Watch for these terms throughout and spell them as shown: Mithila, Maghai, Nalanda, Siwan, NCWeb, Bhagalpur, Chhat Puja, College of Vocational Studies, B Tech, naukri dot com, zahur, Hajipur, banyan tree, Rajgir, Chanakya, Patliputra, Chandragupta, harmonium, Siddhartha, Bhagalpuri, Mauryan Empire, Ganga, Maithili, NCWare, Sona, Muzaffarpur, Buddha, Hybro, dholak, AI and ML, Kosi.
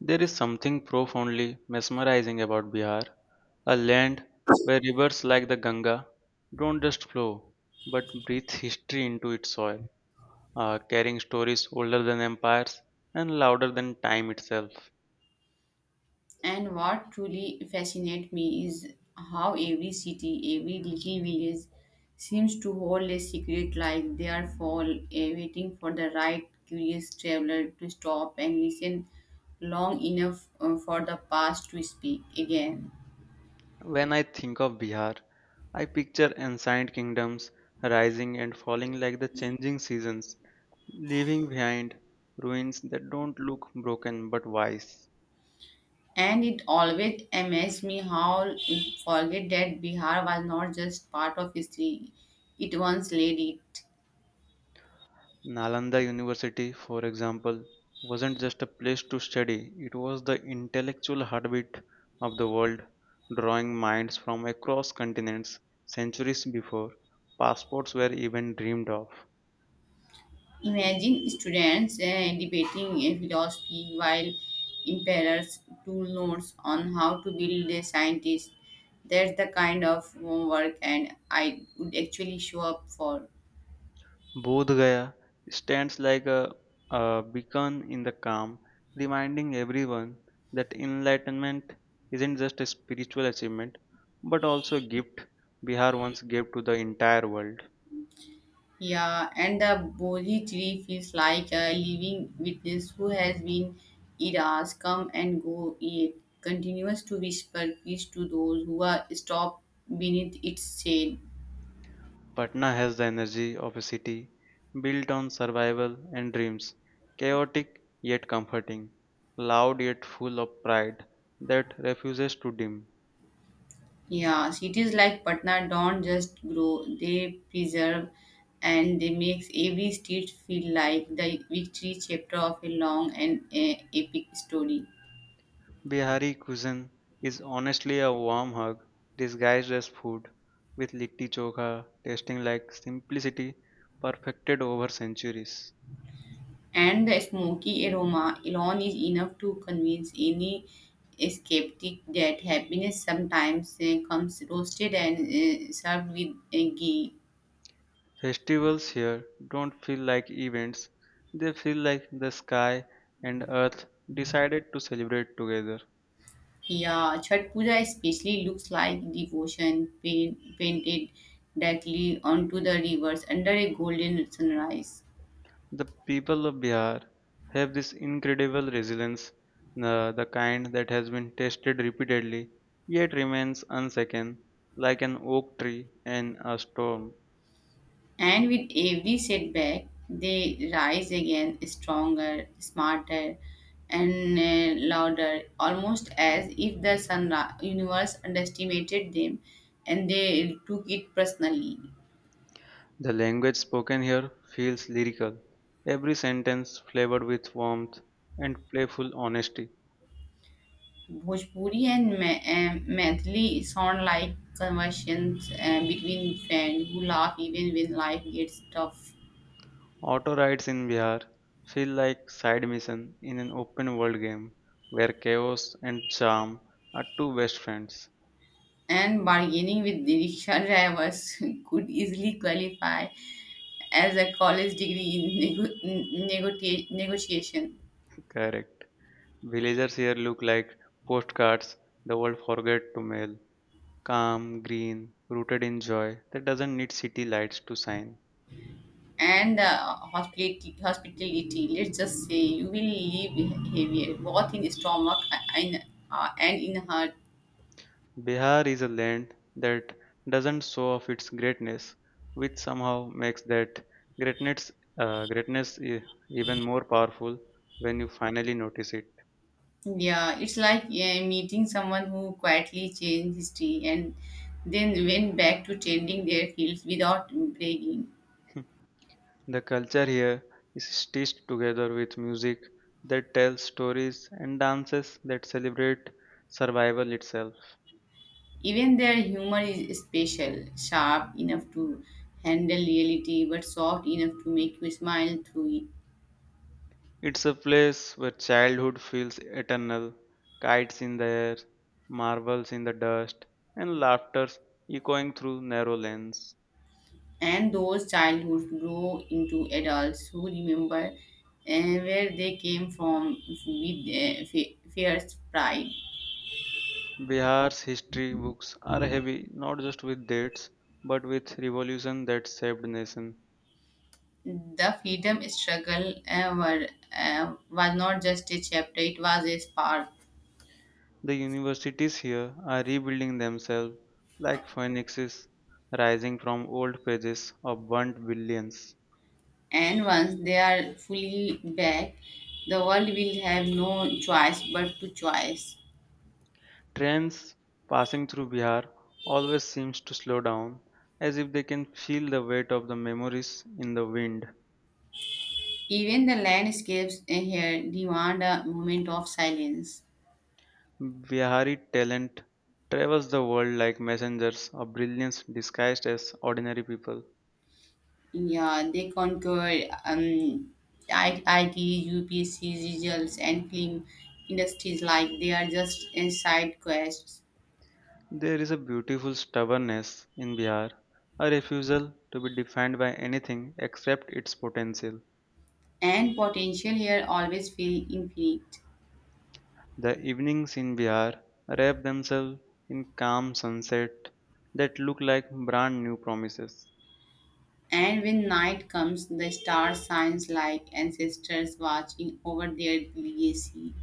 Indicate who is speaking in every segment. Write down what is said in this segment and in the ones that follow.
Speaker 1: There is something profoundly mesmerizing about Bihar, a land where rivers like the Ganga don't just flow but breathe history into its soil, carrying stories older than empires and louder than time itself.
Speaker 2: And what truly fascinates me is how every city, every little village seems to hold a secret like they are waiting for the right curious traveler to stop and listen long enough for the past to speak again.
Speaker 1: When I think of Bihar, I picture ancient kingdoms rising and falling like the changing seasons, leaving behind ruins that don't look broken but wise.
Speaker 2: And it always amazed me how we forget that Bihar was not just part of history, it once led it.
Speaker 1: Nalanda University, for example, wasn't just a place to study, it was the intellectual heartbeat of the world, drawing minds from across continents centuries before passports were even dreamed of.
Speaker 2: Imagine students debating a philosophy while imparers tool notes on how to build a scientist. That's the kind of homework, and I would actually show up for.
Speaker 1: Bodh Gaya stands like a beacon in the calm, reminding everyone that enlightenment isn't just a spiritual achievement but also a gift Bihar once gave to the entire world.
Speaker 2: Yeah, and the Bodhi tree feels like a living witness who has been eras come and go. It continues to whisper peace to those who are stopped beneath its shade.
Speaker 1: Patna has the energy of a city built on survival and dreams, chaotic yet comforting, loud yet full of pride that refuses to dim.
Speaker 2: Yeah, cities like Patna don't just grow, they preserve and they makes every street feel like the victory chapter of a long and epic story.
Speaker 1: Bihari cuisine is honestly a warm hug disguised as food, with litti chokha tasting like simplicity perfected over centuries.
Speaker 2: And the smoky aroma alone is enough to convince any skeptic that happiness sometimes comes roasted and served with ghee.
Speaker 1: Festivals here don't feel like events, they feel like the sky and earth decided to celebrate together.
Speaker 2: Yeah, Chhat Puja especially looks like devotion painted directly onto the rivers under a golden sunrise.
Speaker 1: The people of Bihar have this incredible resilience, the kind that has been tested repeatedly yet remains unshaken, like an oak tree in a storm.
Speaker 2: And with every setback, they rise again stronger, smarter, and louder, almost as if the sun universe underestimated them and they took it personally.
Speaker 1: The language spoken here feels lyrical, every sentence flavored with warmth and playful honesty.
Speaker 2: Bhojpuri and Maithili sound like conversations between friends who laugh even when life gets tough.
Speaker 1: Auto rides in Bihar feel like side mission in an open world game where chaos and charm are two best friends.
Speaker 2: And bargaining with rickshaw drivers could easily qualify as a college degree in negotiation.
Speaker 1: Correct. Villagers here look like postcards the world forgot to mail. Calm, green, rooted in joy that doesn't need city lights to shine.
Speaker 2: And hospitality, let's just say you will live heavier, both in stomach and, and in heart.
Speaker 1: Bihar is a land that doesn't show off its greatness, which somehow makes that greatness, uh, greatness e- even more powerful when you finally notice it.
Speaker 2: Yeah, it's like meeting someone who quietly changed history and then went back to tending their fields without bragging.
Speaker 1: The culture here is stitched together with music that tells stories and dances that celebrate survival itself.
Speaker 2: Even their humor is special, sharp enough to handle reality, but soft enough to make you smile through it.
Speaker 1: It's a place where childhood feels eternal, kites in the air, marbles in the dust, and laughter echoing through narrow lanes.
Speaker 2: And those childhoods grow into adults who remember where they came from with fierce pride.
Speaker 1: Bihar's history books are heavy not just with dates but with revolution that saved nation.
Speaker 2: The freedom struggle was not just a chapter, it was a spark.
Speaker 1: The universities here are rebuilding themselves like phoenixes rising from old pages of burnt billions.
Speaker 2: And once they are fully back, the world will have no choice but to choice.
Speaker 1: Trains passing through Bihar always seems to slow down, as if they can feel the weight of the memories in the wind.
Speaker 2: Even the landscapes in here demand a moment of silence.
Speaker 1: Bihari talent travels the world like messengers of brilliance disguised as ordinary people.
Speaker 2: Yeah, they conquered I- IT, UPC results, and film industries like they are just a side quests.
Speaker 1: There is a beautiful stubbornness in Bihar, a refusal to be defined by anything except its potential.
Speaker 2: And potential here always feel infinite.
Speaker 1: The evenings in Bihar wrap themselves in calm sunset that look like brand new promises.
Speaker 2: And when night comes, the stars shines like ancestors watching over their legacy.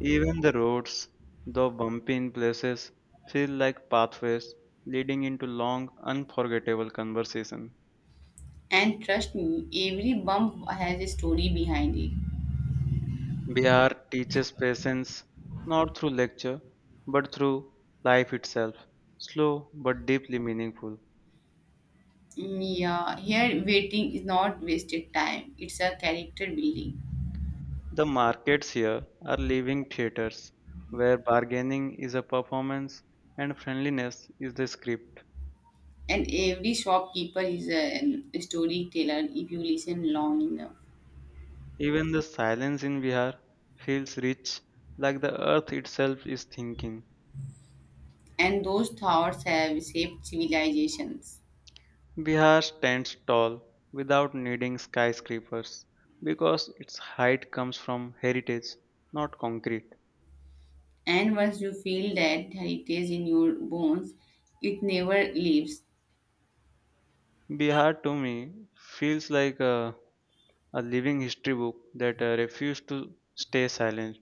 Speaker 1: Even the roads, though bumpy in places, feel like pathways leading into long, unforgettable conversation.
Speaker 2: And trust me, every bump has a story behind it.
Speaker 1: Bihar teaches patience not through lecture but through life itself, slow but deeply meaningful.
Speaker 2: Mm, yeah, here waiting is not wasted time, it's a character building.
Speaker 1: The markets here are living theaters where bargaining is a performance and friendliness is the script.
Speaker 2: And every shopkeeper is a storyteller if you listen long enough.
Speaker 1: Even the silence in Bihar feels rich, like the earth itself is thinking.
Speaker 2: And those thoughts have shaped civilizations.
Speaker 1: Bihar stands tall without needing skyscrapers because its height comes from heritage, not concrete.
Speaker 2: And once you feel that heritage in your bones, it never leaves.
Speaker 1: Bihar to me feels like a living history book that refused to stay silent,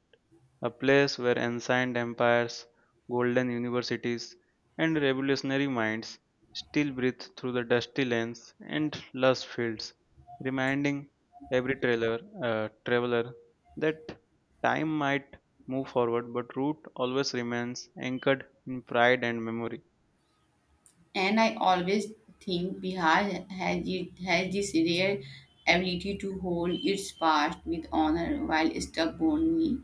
Speaker 1: a place where ancient empires, golden universities, and revolutionary minds still breathe through the dusty lanes and lush fields, reminding every traveler that time might move forward, but root always remains anchored in pride and memory.
Speaker 2: And I always think Bihar has this rare ability to hold its past with honor while stubbornly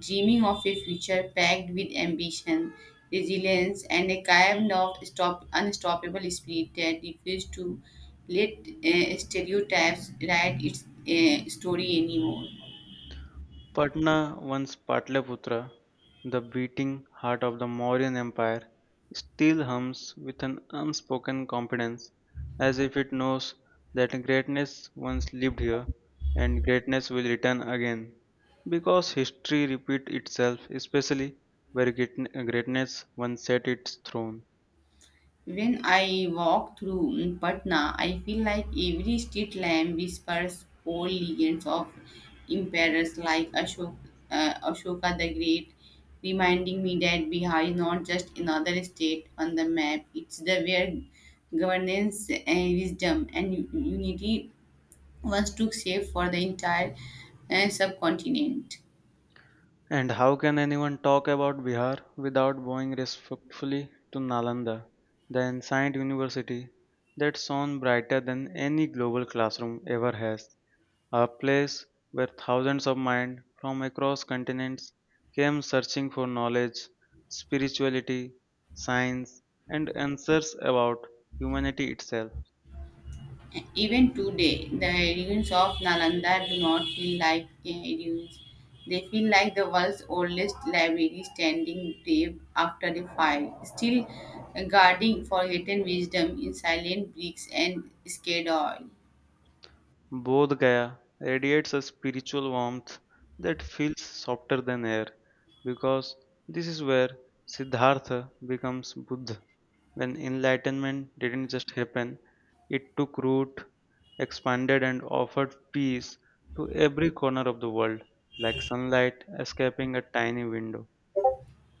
Speaker 2: dreaming of a future packed with ambition, resilience, and a kind of unstoppable spirit that refuses to let stereotypes write its story anymore.
Speaker 1: Patna, once Patliputra, the beating heart of the Mauryan Empire, still hums with an unspoken confidence, as if it knows that greatness once lived here and greatness will return again. Because history repeats itself, especially where greatness once set its throne.
Speaker 2: When I walk through Patna, I feel like every street lamp whispers old legends of emperors like Ashoka the Great, reminding me that Bihar is not just another state on the map, it's the where governance and wisdom and unity once took shape for the entire subcontinent.
Speaker 1: And how can anyone talk about Bihar without bowing respectfully to Nalanda, the ancient university that shone brighter than any global classroom ever has, a place where thousands of minds from across continents came searching for knowledge, spirituality, science, and answers about humanity itself?
Speaker 2: Even today, the ruins of Nalanda do not feel like ruins. They feel like the world's oldest library standing brave after the fire, still guarding forgotten wisdom in silent bricks and scared oil.
Speaker 1: Bodh Gaya radiates a spiritual warmth that feels softer than air because this is where Siddhartha becomes Buddha. When enlightenment didn't just happen, it took root, expanded, and offered peace to every corner of the world, like sunlight escaping a tiny window.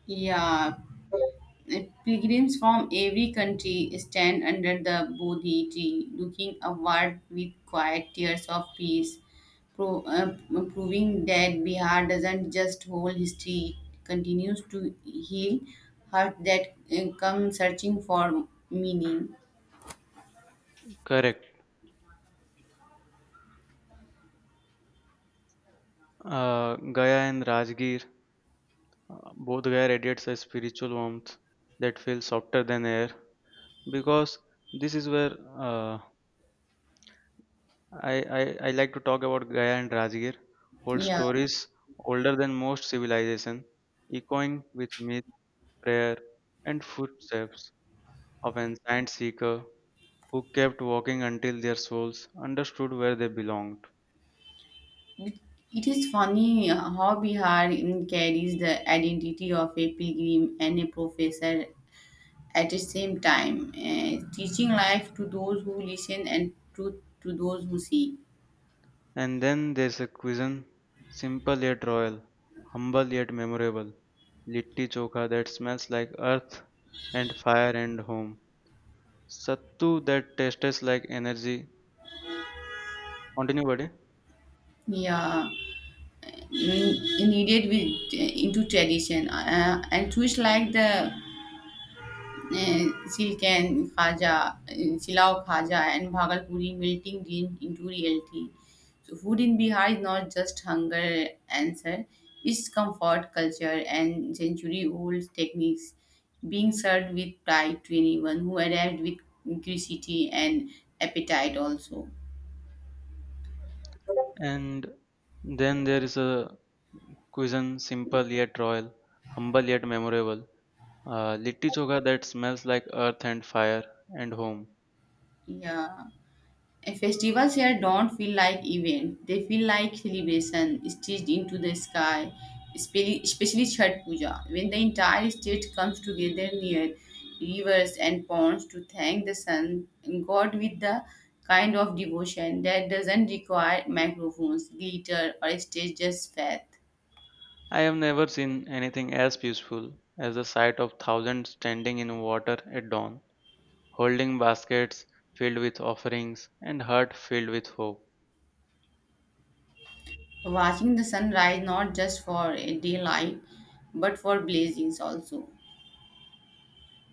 Speaker 2: Yeah, Pilgrims from every country stand under the Bodhi tree, looking upward with quiet tears of peace, pro- uh, proving that Bihar doesn't just hold history, it continues to heal hearts that come searching for meaning.
Speaker 1: Correct. Gaya and Rajgir, both Gaya radiates a spiritual warmth that feels softer than air because this is where uh, I like to talk about Gaya and Rajgir, old
Speaker 2: Yeah,
Speaker 1: stories older than most civilization, echoing with myth, prayer, and footsteps of ancient seeker who kept walking until their souls understood where they belonged.
Speaker 2: it it is funny how Bihar carries the identity of a pilgrim and a professor at the same time, teaching life to those who listen and truth to those who see.
Speaker 1: And then there's a cuisine, simple yet royal, humble yet memorable, litti chokha that smells like earth and fire and home, sattu that tastes like energy. Continue, buddy.
Speaker 2: Yeah, in- needed with into tradition and choose like the Silao Khaja, and Bhagalpuri melting dream into reality. So, food in Bihar is not just hunger answer, it's comfort, culture, and century old techniques being served with pride to anyone who arrived with curiosity and appetite, also.
Speaker 1: And then there is a cuisine simple yet royal, humble yet memorable. Litti choka that smells like earth and fire and home.
Speaker 2: Yeah. Festivals here don't feel like event; they feel like celebration stitched into the sky. Especially Chhat Puja, when the entire state comes together near rivers and ponds to thank the sun and God with the kind of devotion that doesn't require microphones, glitter, or stage, just faith.
Speaker 1: I have never seen anything as peaceful as the sight of thousands standing in water at dawn, holding baskets filled with offerings and heart filled with hope.
Speaker 2: Watching the sunrise not just for a daylight, but for blazings also.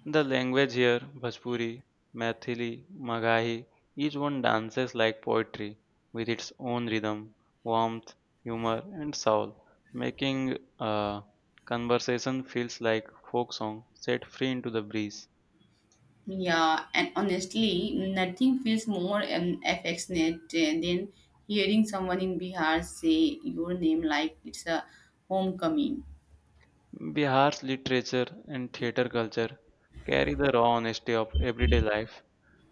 Speaker 1: The language here, Bhojpuri, Maithili, Magahi, each one dances like poetry with its own rhythm, warmth, humor, and soul, making conversation feels like folk song set free into the breeze.
Speaker 2: Yeah, and honestly, nothing feels more affectionate than hearing someone in Bihar say your name like it's a homecoming.
Speaker 1: Bihar's literature and theater culture carry the raw honesty of everyday life,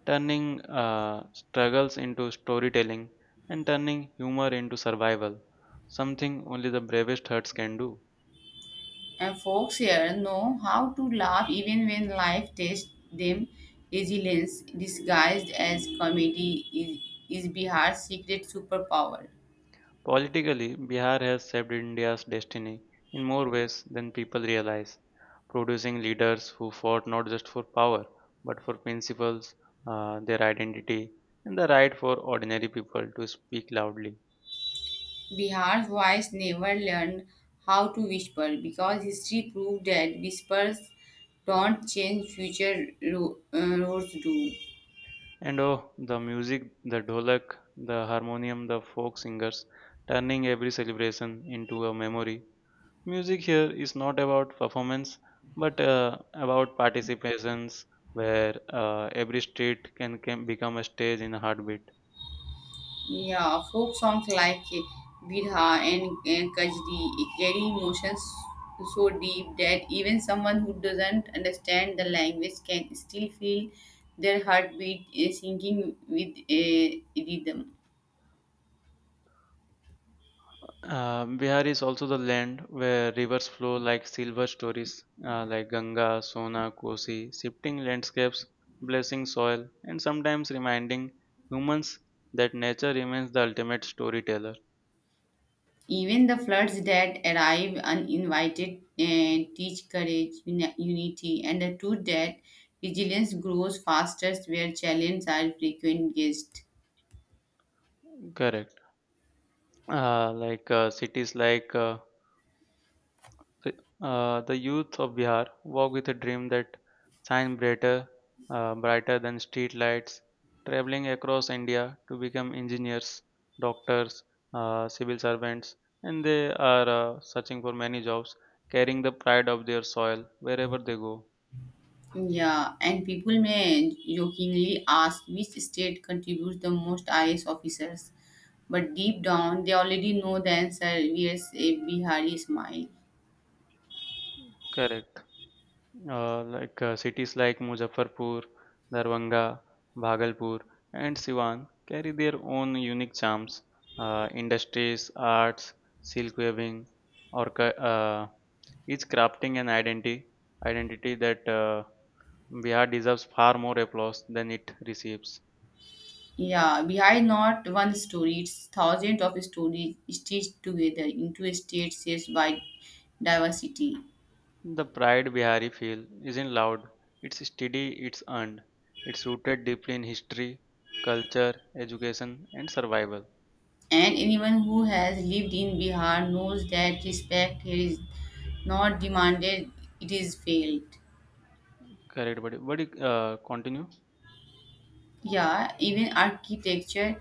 Speaker 1: turning struggles into storytelling and turning humor into survival, something only the bravest hearts can do.
Speaker 2: And folks here know how to laugh even when life tests them. Resilience disguised as comedy is Bihar's secret superpower.
Speaker 1: Politically, Bihar has shaped India's destiny in more ways than people realize, producing leaders who fought not just for power but for principles, their identity, and the right for ordinary people to speak loudly.
Speaker 2: Bihar's voice never learned how to whisper because history proved that whispers don't change, future roads do.
Speaker 1: And oh, the music, the dholak, the harmonium, the folk singers, turning every celebration into a memory. Music here is not about performance, but about participations, where every street can become a stage in a heartbeat.
Speaker 2: Yeah, folk songs like Bidha and Kajdi carry emotions so deep that even someone who doesn't understand the language can still feel their heartbeat syncing with a rhythm.
Speaker 1: Bihar is also the land where rivers flow like silver stories, like Ganga, Sona, Kosi, shifting landscapes, blessing soil, and sometimes reminding humans that nature remains the ultimate storyteller.
Speaker 2: Even the floods that arrive uninvited teach courage, unity, and the truth that resilience grows fastest where challenges are frequent guests.
Speaker 1: Correct. Uh, like uh, cities like uh, So, the youth of Bihar walk with a dream that shine brighter, brighter than street lights, traveling across India to become engineers, doctors, civil servants, and they are searching for many jobs, carrying the pride of their soil wherever they go.
Speaker 2: Yeah, and people may jokingly ask which state contributes the most IAS officers, but deep down they already know the answer. Yes, a Bihari smile.
Speaker 1: Correct. Cities like Muzaffarpur, Darbhanga, Bhagalpur, and Siwan carry their own unique charms. Industries, arts, silk weaving, or each crafting an identity that Bihar deserves far more applause than it receives.
Speaker 2: Yeah, Bihar is not one story; it's thousands of stories stitched together into a state shaped by diversity.
Speaker 1: The pride Bihari feel isn't loud; it's steady, it's earned, it's rooted deeply in history, culture, education, and survival.
Speaker 2: And anyone who has lived in Bihar knows that respect here is not demanded; it is failed.
Speaker 1: Correct, buddy. Buddy, continue.
Speaker 2: Yeah, even architecture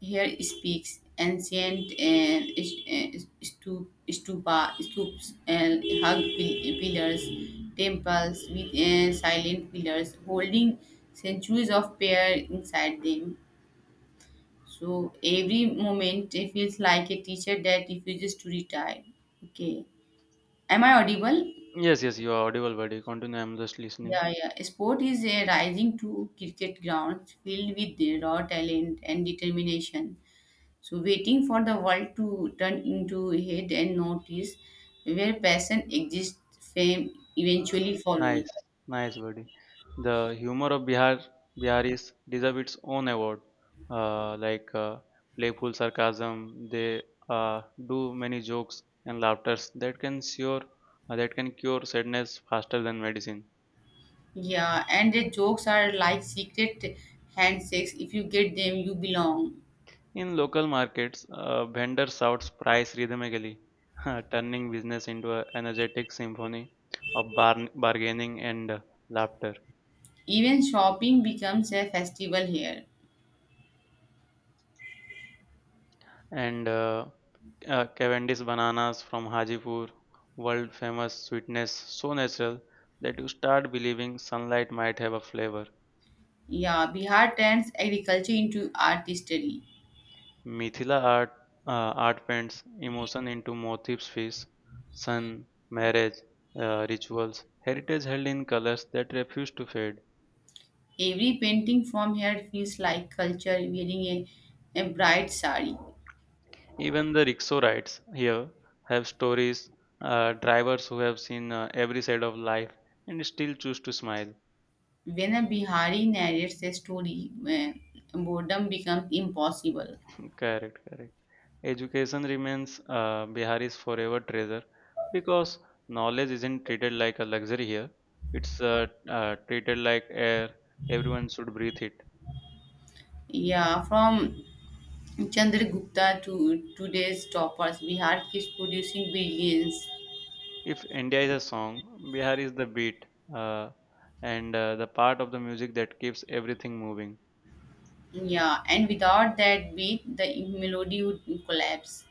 Speaker 2: here speaks ancient and stupa, stoops, and hug pillars, temples with silent pillars holding centuries of prayer inside them. So every moment it feels like a teacher that refuses to retire. Okay, am I audible?
Speaker 1: Yes, yes, you are audible, buddy. Continue. I'm just listening.
Speaker 2: Yeah, yeah. Sport is a rising to cricket grounds filled with raw talent and determination. So waiting for the world to turn into head and notice where passion exists, fame
Speaker 1: Uh,
Speaker 2: eventually follows.
Speaker 1: nice, nice, buddy. The humor of Bihar, Biharis deserve its own award. Uh, like uh, Playful sarcasm, they uh, do many jokes and laughters that can that can cure sadness faster than medicine.
Speaker 2: Yeah, and the jokes are like secret handshakes. If you get them, you belong.
Speaker 1: In local markets, a vendor shouts price rhythmically, turning business into an energetic symphony of bargaining and laughter.
Speaker 2: Even shopping becomes a festival here.
Speaker 1: And Cavendish bananas from Hajipur, world famous sweetness, so natural that you start believing sunlight might have a flavor.
Speaker 2: Yeah, Bihar turns agriculture into artistry.
Speaker 1: Mithila art paints emotion into motifs, fish, sun, marriage, rituals, heritage held in colors that refuse to fade.
Speaker 2: Every painting from here feels like culture wearing a bright sari.
Speaker 1: Even the rickshaw rides here have stories, drivers who have seen every side of life and still choose to smile.
Speaker 2: When a Bihari narrates a story, boredom becomes impossible.
Speaker 1: Correct, correct. Education remains Bihari's forever treasure because knowledge isn't treated like a luxury here. It's treated like air. Everyone should breathe it.
Speaker 2: Yeah, from Chandragupta to today's toppers, Bihar keeps producing brilliance.
Speaker 1: If India is a song, Bihar is the beat uh, and the part of the music that keeps everything moving.
Speaker 2: Yeah, and without that beat, the melody would collapse.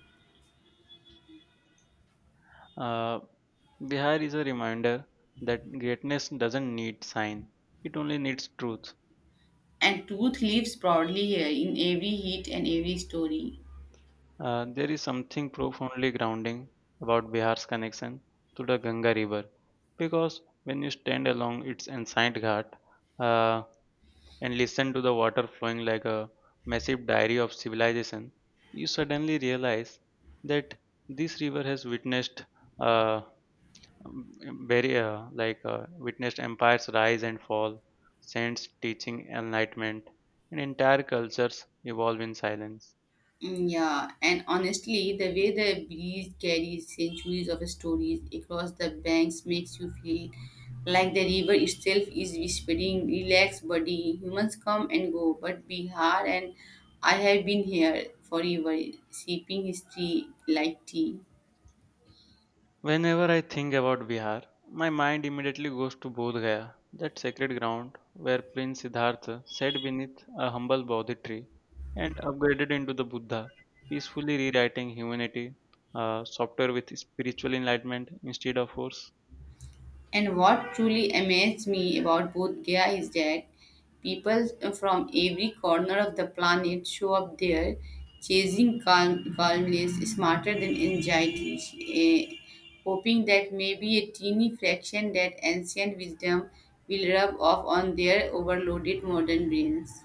Speaker 1: Uh, Vihar is a reminder that greatness doesn't need sign, it only needs truth.
Speaker 2: And truth lives proudly here in every hit and every story.
Speaker 1: There is something profoundly grounding about Bihar's connection to the Ganga River because when you stand along its ancient ghat uh, and listen to the water flowing like a massive diary of civilization, you suddenly realize that this river has witnessed uh, um, very like witnessed empires rise and fall, saints teaching enlightenment, and entire cultures evolve in silence.
Speaker 2: Mm, yeah, and honestly, the way the breeze carries centuries of stories across the banks makes you feel like the river itself is whispering, "Relax, buddy. Humans come and go, but Bihar and I have been here forever, sipping history like tea."
Speaker 1: Whenever I think about Bihar, my mind immediately goes to Bodh Gaya, that sacred ground where Prince Siddhartha sat beneath a humble Bodhi tree and upgraded into the Buddha, peacefully rewriting humanity, software with spiritual enlightenment instead of force.
Speaker 2: And what truly amazed me about both Gaya is that people from every corner of the planet show up there chasing calmness smarter than anxiety, eh, hoping that maybe a teeny fraction that ancient wisdom will rub off on their overloaded modern brains.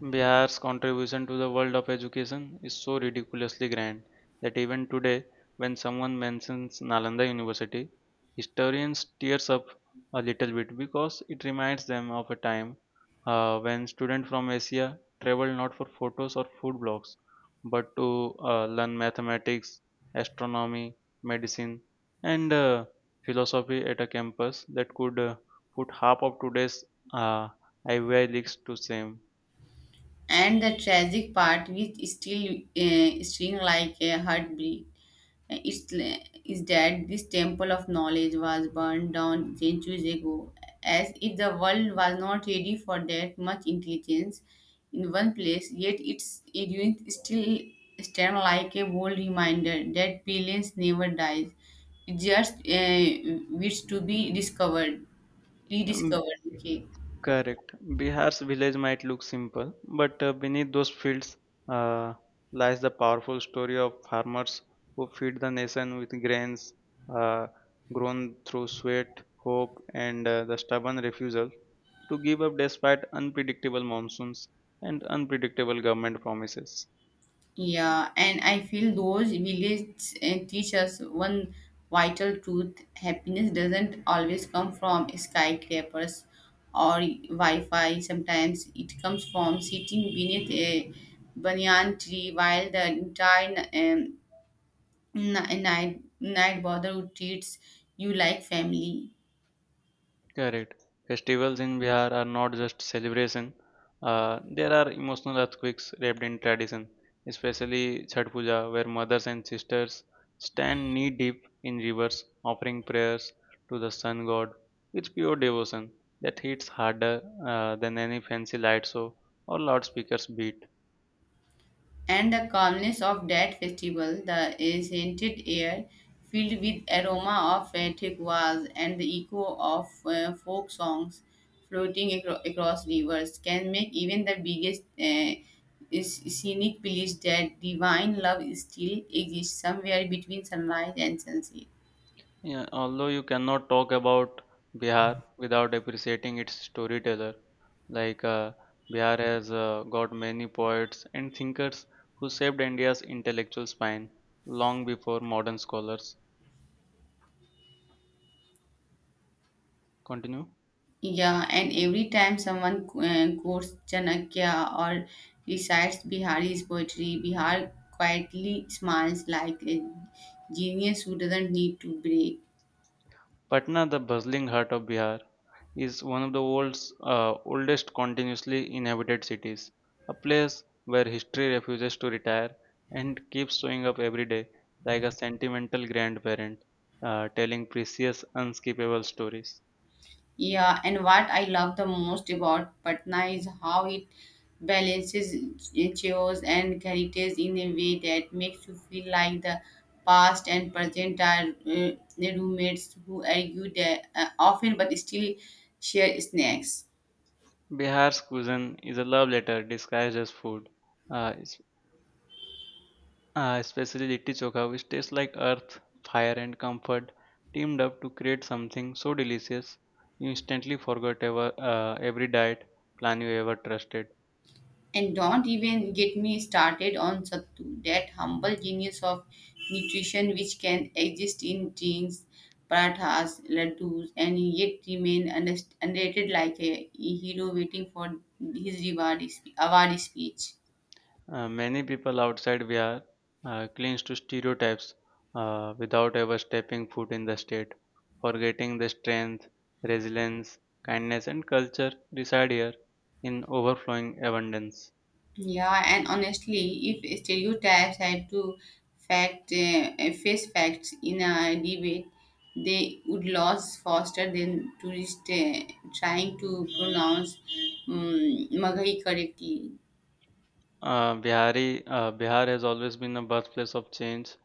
Speaker 1: Bihar's contribution to the world of education is so ridiculously grand that even today, when someone mentions Nalanda University, historians tears up a little bit because it reminds them of a time when students from Asia traveled not for photos or food blogs but to learn mathematics, astronomy, medicine, and philosophy at a campus that could put half of today's uh, Ivy Leagues to shame.
Speaker 2: And the tragic part which still string like a heartbeat uh, is, is that this temple of knowledge was burned down centuries ago, as if the world was not ready for that much intelligence in one place. Yet its ruins still stand like a bold reminder that brilliance never dies, it just waits to be discovered
Speaker 1: Um,
Speaker 2: rediscovered. Okay.
Speaker 1: Correct. Bihar's village might look simple, but beneath those fields uh, lies the powerful story of farmers who feed the nation with grains uh, grown through sweat, hope, and the stubborn refusal to give up despite unpredictable monsoons and unpredictable government promises.
Speaker 2: Yeah, and I feel those villages teach us one vital truth: happiness doesn't always come from skyscrapers or Wi Fi. Sometimes it comes from sitting beneath a banyan tree while the entire night bother treats you like family.
Speaker 1: Correct. Festivals in Bihar are not just celebration. There are emotional earthquakes wrapped in tradition, especially Chhath Puja, where mothers and sisters stand knee deep in rivers, offering prayers to the sun god with pure devotion that hits harder than any fancy light show or loudspeakers beat.
Speaker 2: And the calmness of that festival, the scented air filled with aroma of thick and the echo of folk songs floating across rivers can make even the biggest is scenic belief that divine love still exists somewhere between sunrise and sunset.
Speaker 1: Yeah, although you cannot talk about Bihar without appreciating its storyteller, like uh, Bihar has got many poets and thinkers who shaped India's intellectual spine long before modern scholars. Continue.
Speaker 2: Yeah, and every time someone quotes Chanakya or recites Bihari's poetry, Bihar quietly smiles like a genius who doesn't need to break.
Speaker 1: Patna, the bustling heart of Bihar, is one of the world's oldest continuously inhabited cities, a place where history refuses to retire and keeps showing up every day like a sentimental grandparent telling precious, unskippable stories.
Speaker 2: Yeah, and what I love the most about Patna is how it balances chaos and heritage in a way that makes you feel like the past and present are roommates who argue often but still share snacks.
Speaker 1: Bihar's cuisine is a love letter disguised as food, uh, it's, Ah, especially litti chokha, which tastes like earth, fire, and comfort, teamed up to create something so delicious you instantly forgot every diet plan you ever trusted.
Speaker 2: And don't even get me started on sattu, that humble genius of nutrition which can exist in drinks, parathas, laddus, and yet remain underrated like a hero waiting for his award speech.
Speaker 1: Many people outside Bihar cling to stereotypes without ever stepping foot in the state, forgetting the strength, resilience, kindness, and culture reside here in overflowing abundance.
Speaker 2: Yeah, and honestly, if stereotypes had to fact face facts in a debate, they would lose faster than tourists trying to pronounce um, Maghai correctly.
Speaker 1: Bihar has always been a birthplace of change,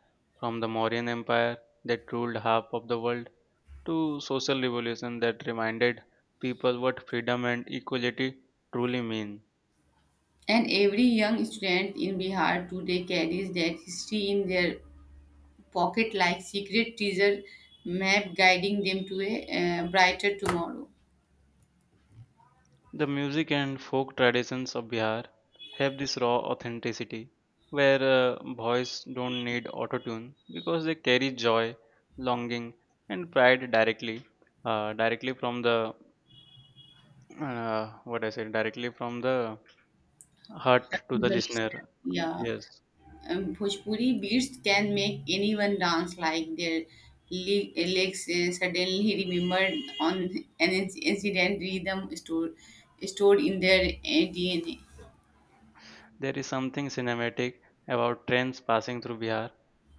Speaker 1: from the Mauryan Empire that ruled half of the world to social revolution that reminded people what freedom and equality truly mean.
Speaker 2: And every young student in Bihar today carries that history in their pocket like secret teaser map guiding them to a brighter tomorrow.
Speaker 1: The music and folk traditions of Bihar have this raw authenticity, where boys don't need autotune because they carry joy, longing, and pride directly, directly from the what I said, directly from the
Speaker 2: Back
Speaker 1: hurt to
Speaker 2: to
Speaker 1: the
Speaker 2: the listener.
Speaker 1: listener.
Speaker 2: Yeah.
Speaker 1: Yes,
Speaker 2: Bhojpuri beats can make anyone dance like their le- legs suddenly remembered on an incident rhythm stored in their DNA.
Speaker 1: there is something cinematic about trains passing through Bihar,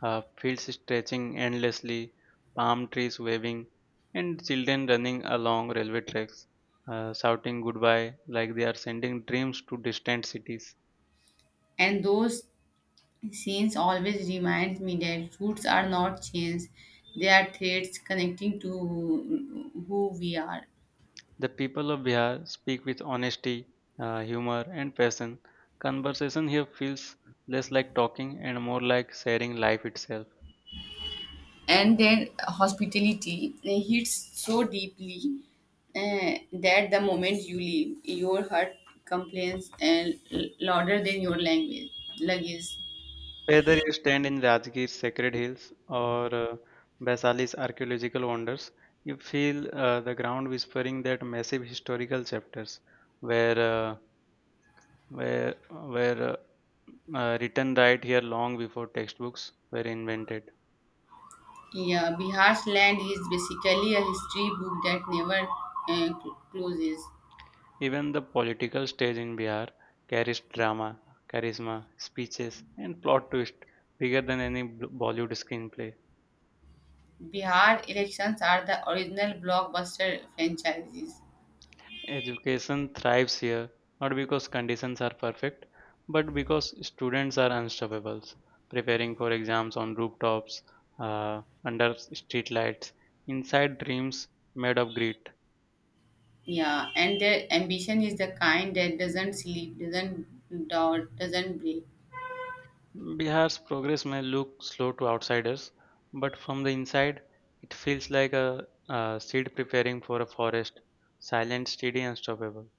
Speaker 1: fields stretching endlessly, palm trees waving, and children running along railway tracks, shouting goodbye like they are sending dreams to distant cities.
Speaker 2: And those scenes always reminds me that roots are not chains; they are threads connecting to who we are.
Speaker 1: The people of Bihar speak with honesty, humor, and passion. Conversation here feels less like talking and more like sharing life itself.
Speaker 2: And their hospitality hits so deeply that the moment you leave, your heart complains and louder than your language luggage.
Speaker 1: Whether you stand in Rajgir's sacred hills or Vaisali's archaeological wonders, you feel the ground whispering that massive historical chapters were uh, were written right here long before textbooks were invented.
Speaker 2: Yeah, Bihar's land is basically a history book that never closes.
Speaker 1: Even the political stage in Bihar carries drama, charisma, speeches, and plot twist bigger than any Bollywood screenplay.
Speaker 2: Bihar elections are the original blockbuster franchises.
Speaker 1: Education thrives here, not because conditions are perfect, but because students are unstoppable. Preparing for exams on rooftops, under streetlights, inside dreams made of grit.
Speaker 2: Yeah, and their ambition is the kind that doesn't sleep, doesn't doubt, doesn't break.
Speaker 1: Bihar's progress may look slow to outsiders, but from the inside, it feels like a seed preparing for a forest, silent, steady, unstoppable.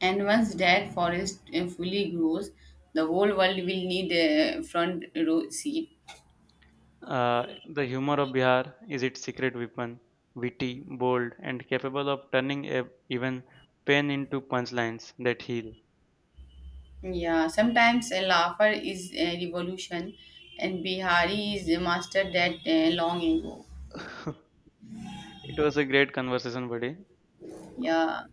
Speaker 2: And once that forest fully grows, the whole world will need a front row seat.
Speaker 1: The humor of Bihar is its secret weapon, witty, bold, and capable of turning even pain into punchlines that heal.
Speaker 2: Yeah, sometimes a laugher is a revolution, and Bihari is a master that long ago.
Speaker 1: It was a great conversation, buddy.
Speaker 2: Yeah.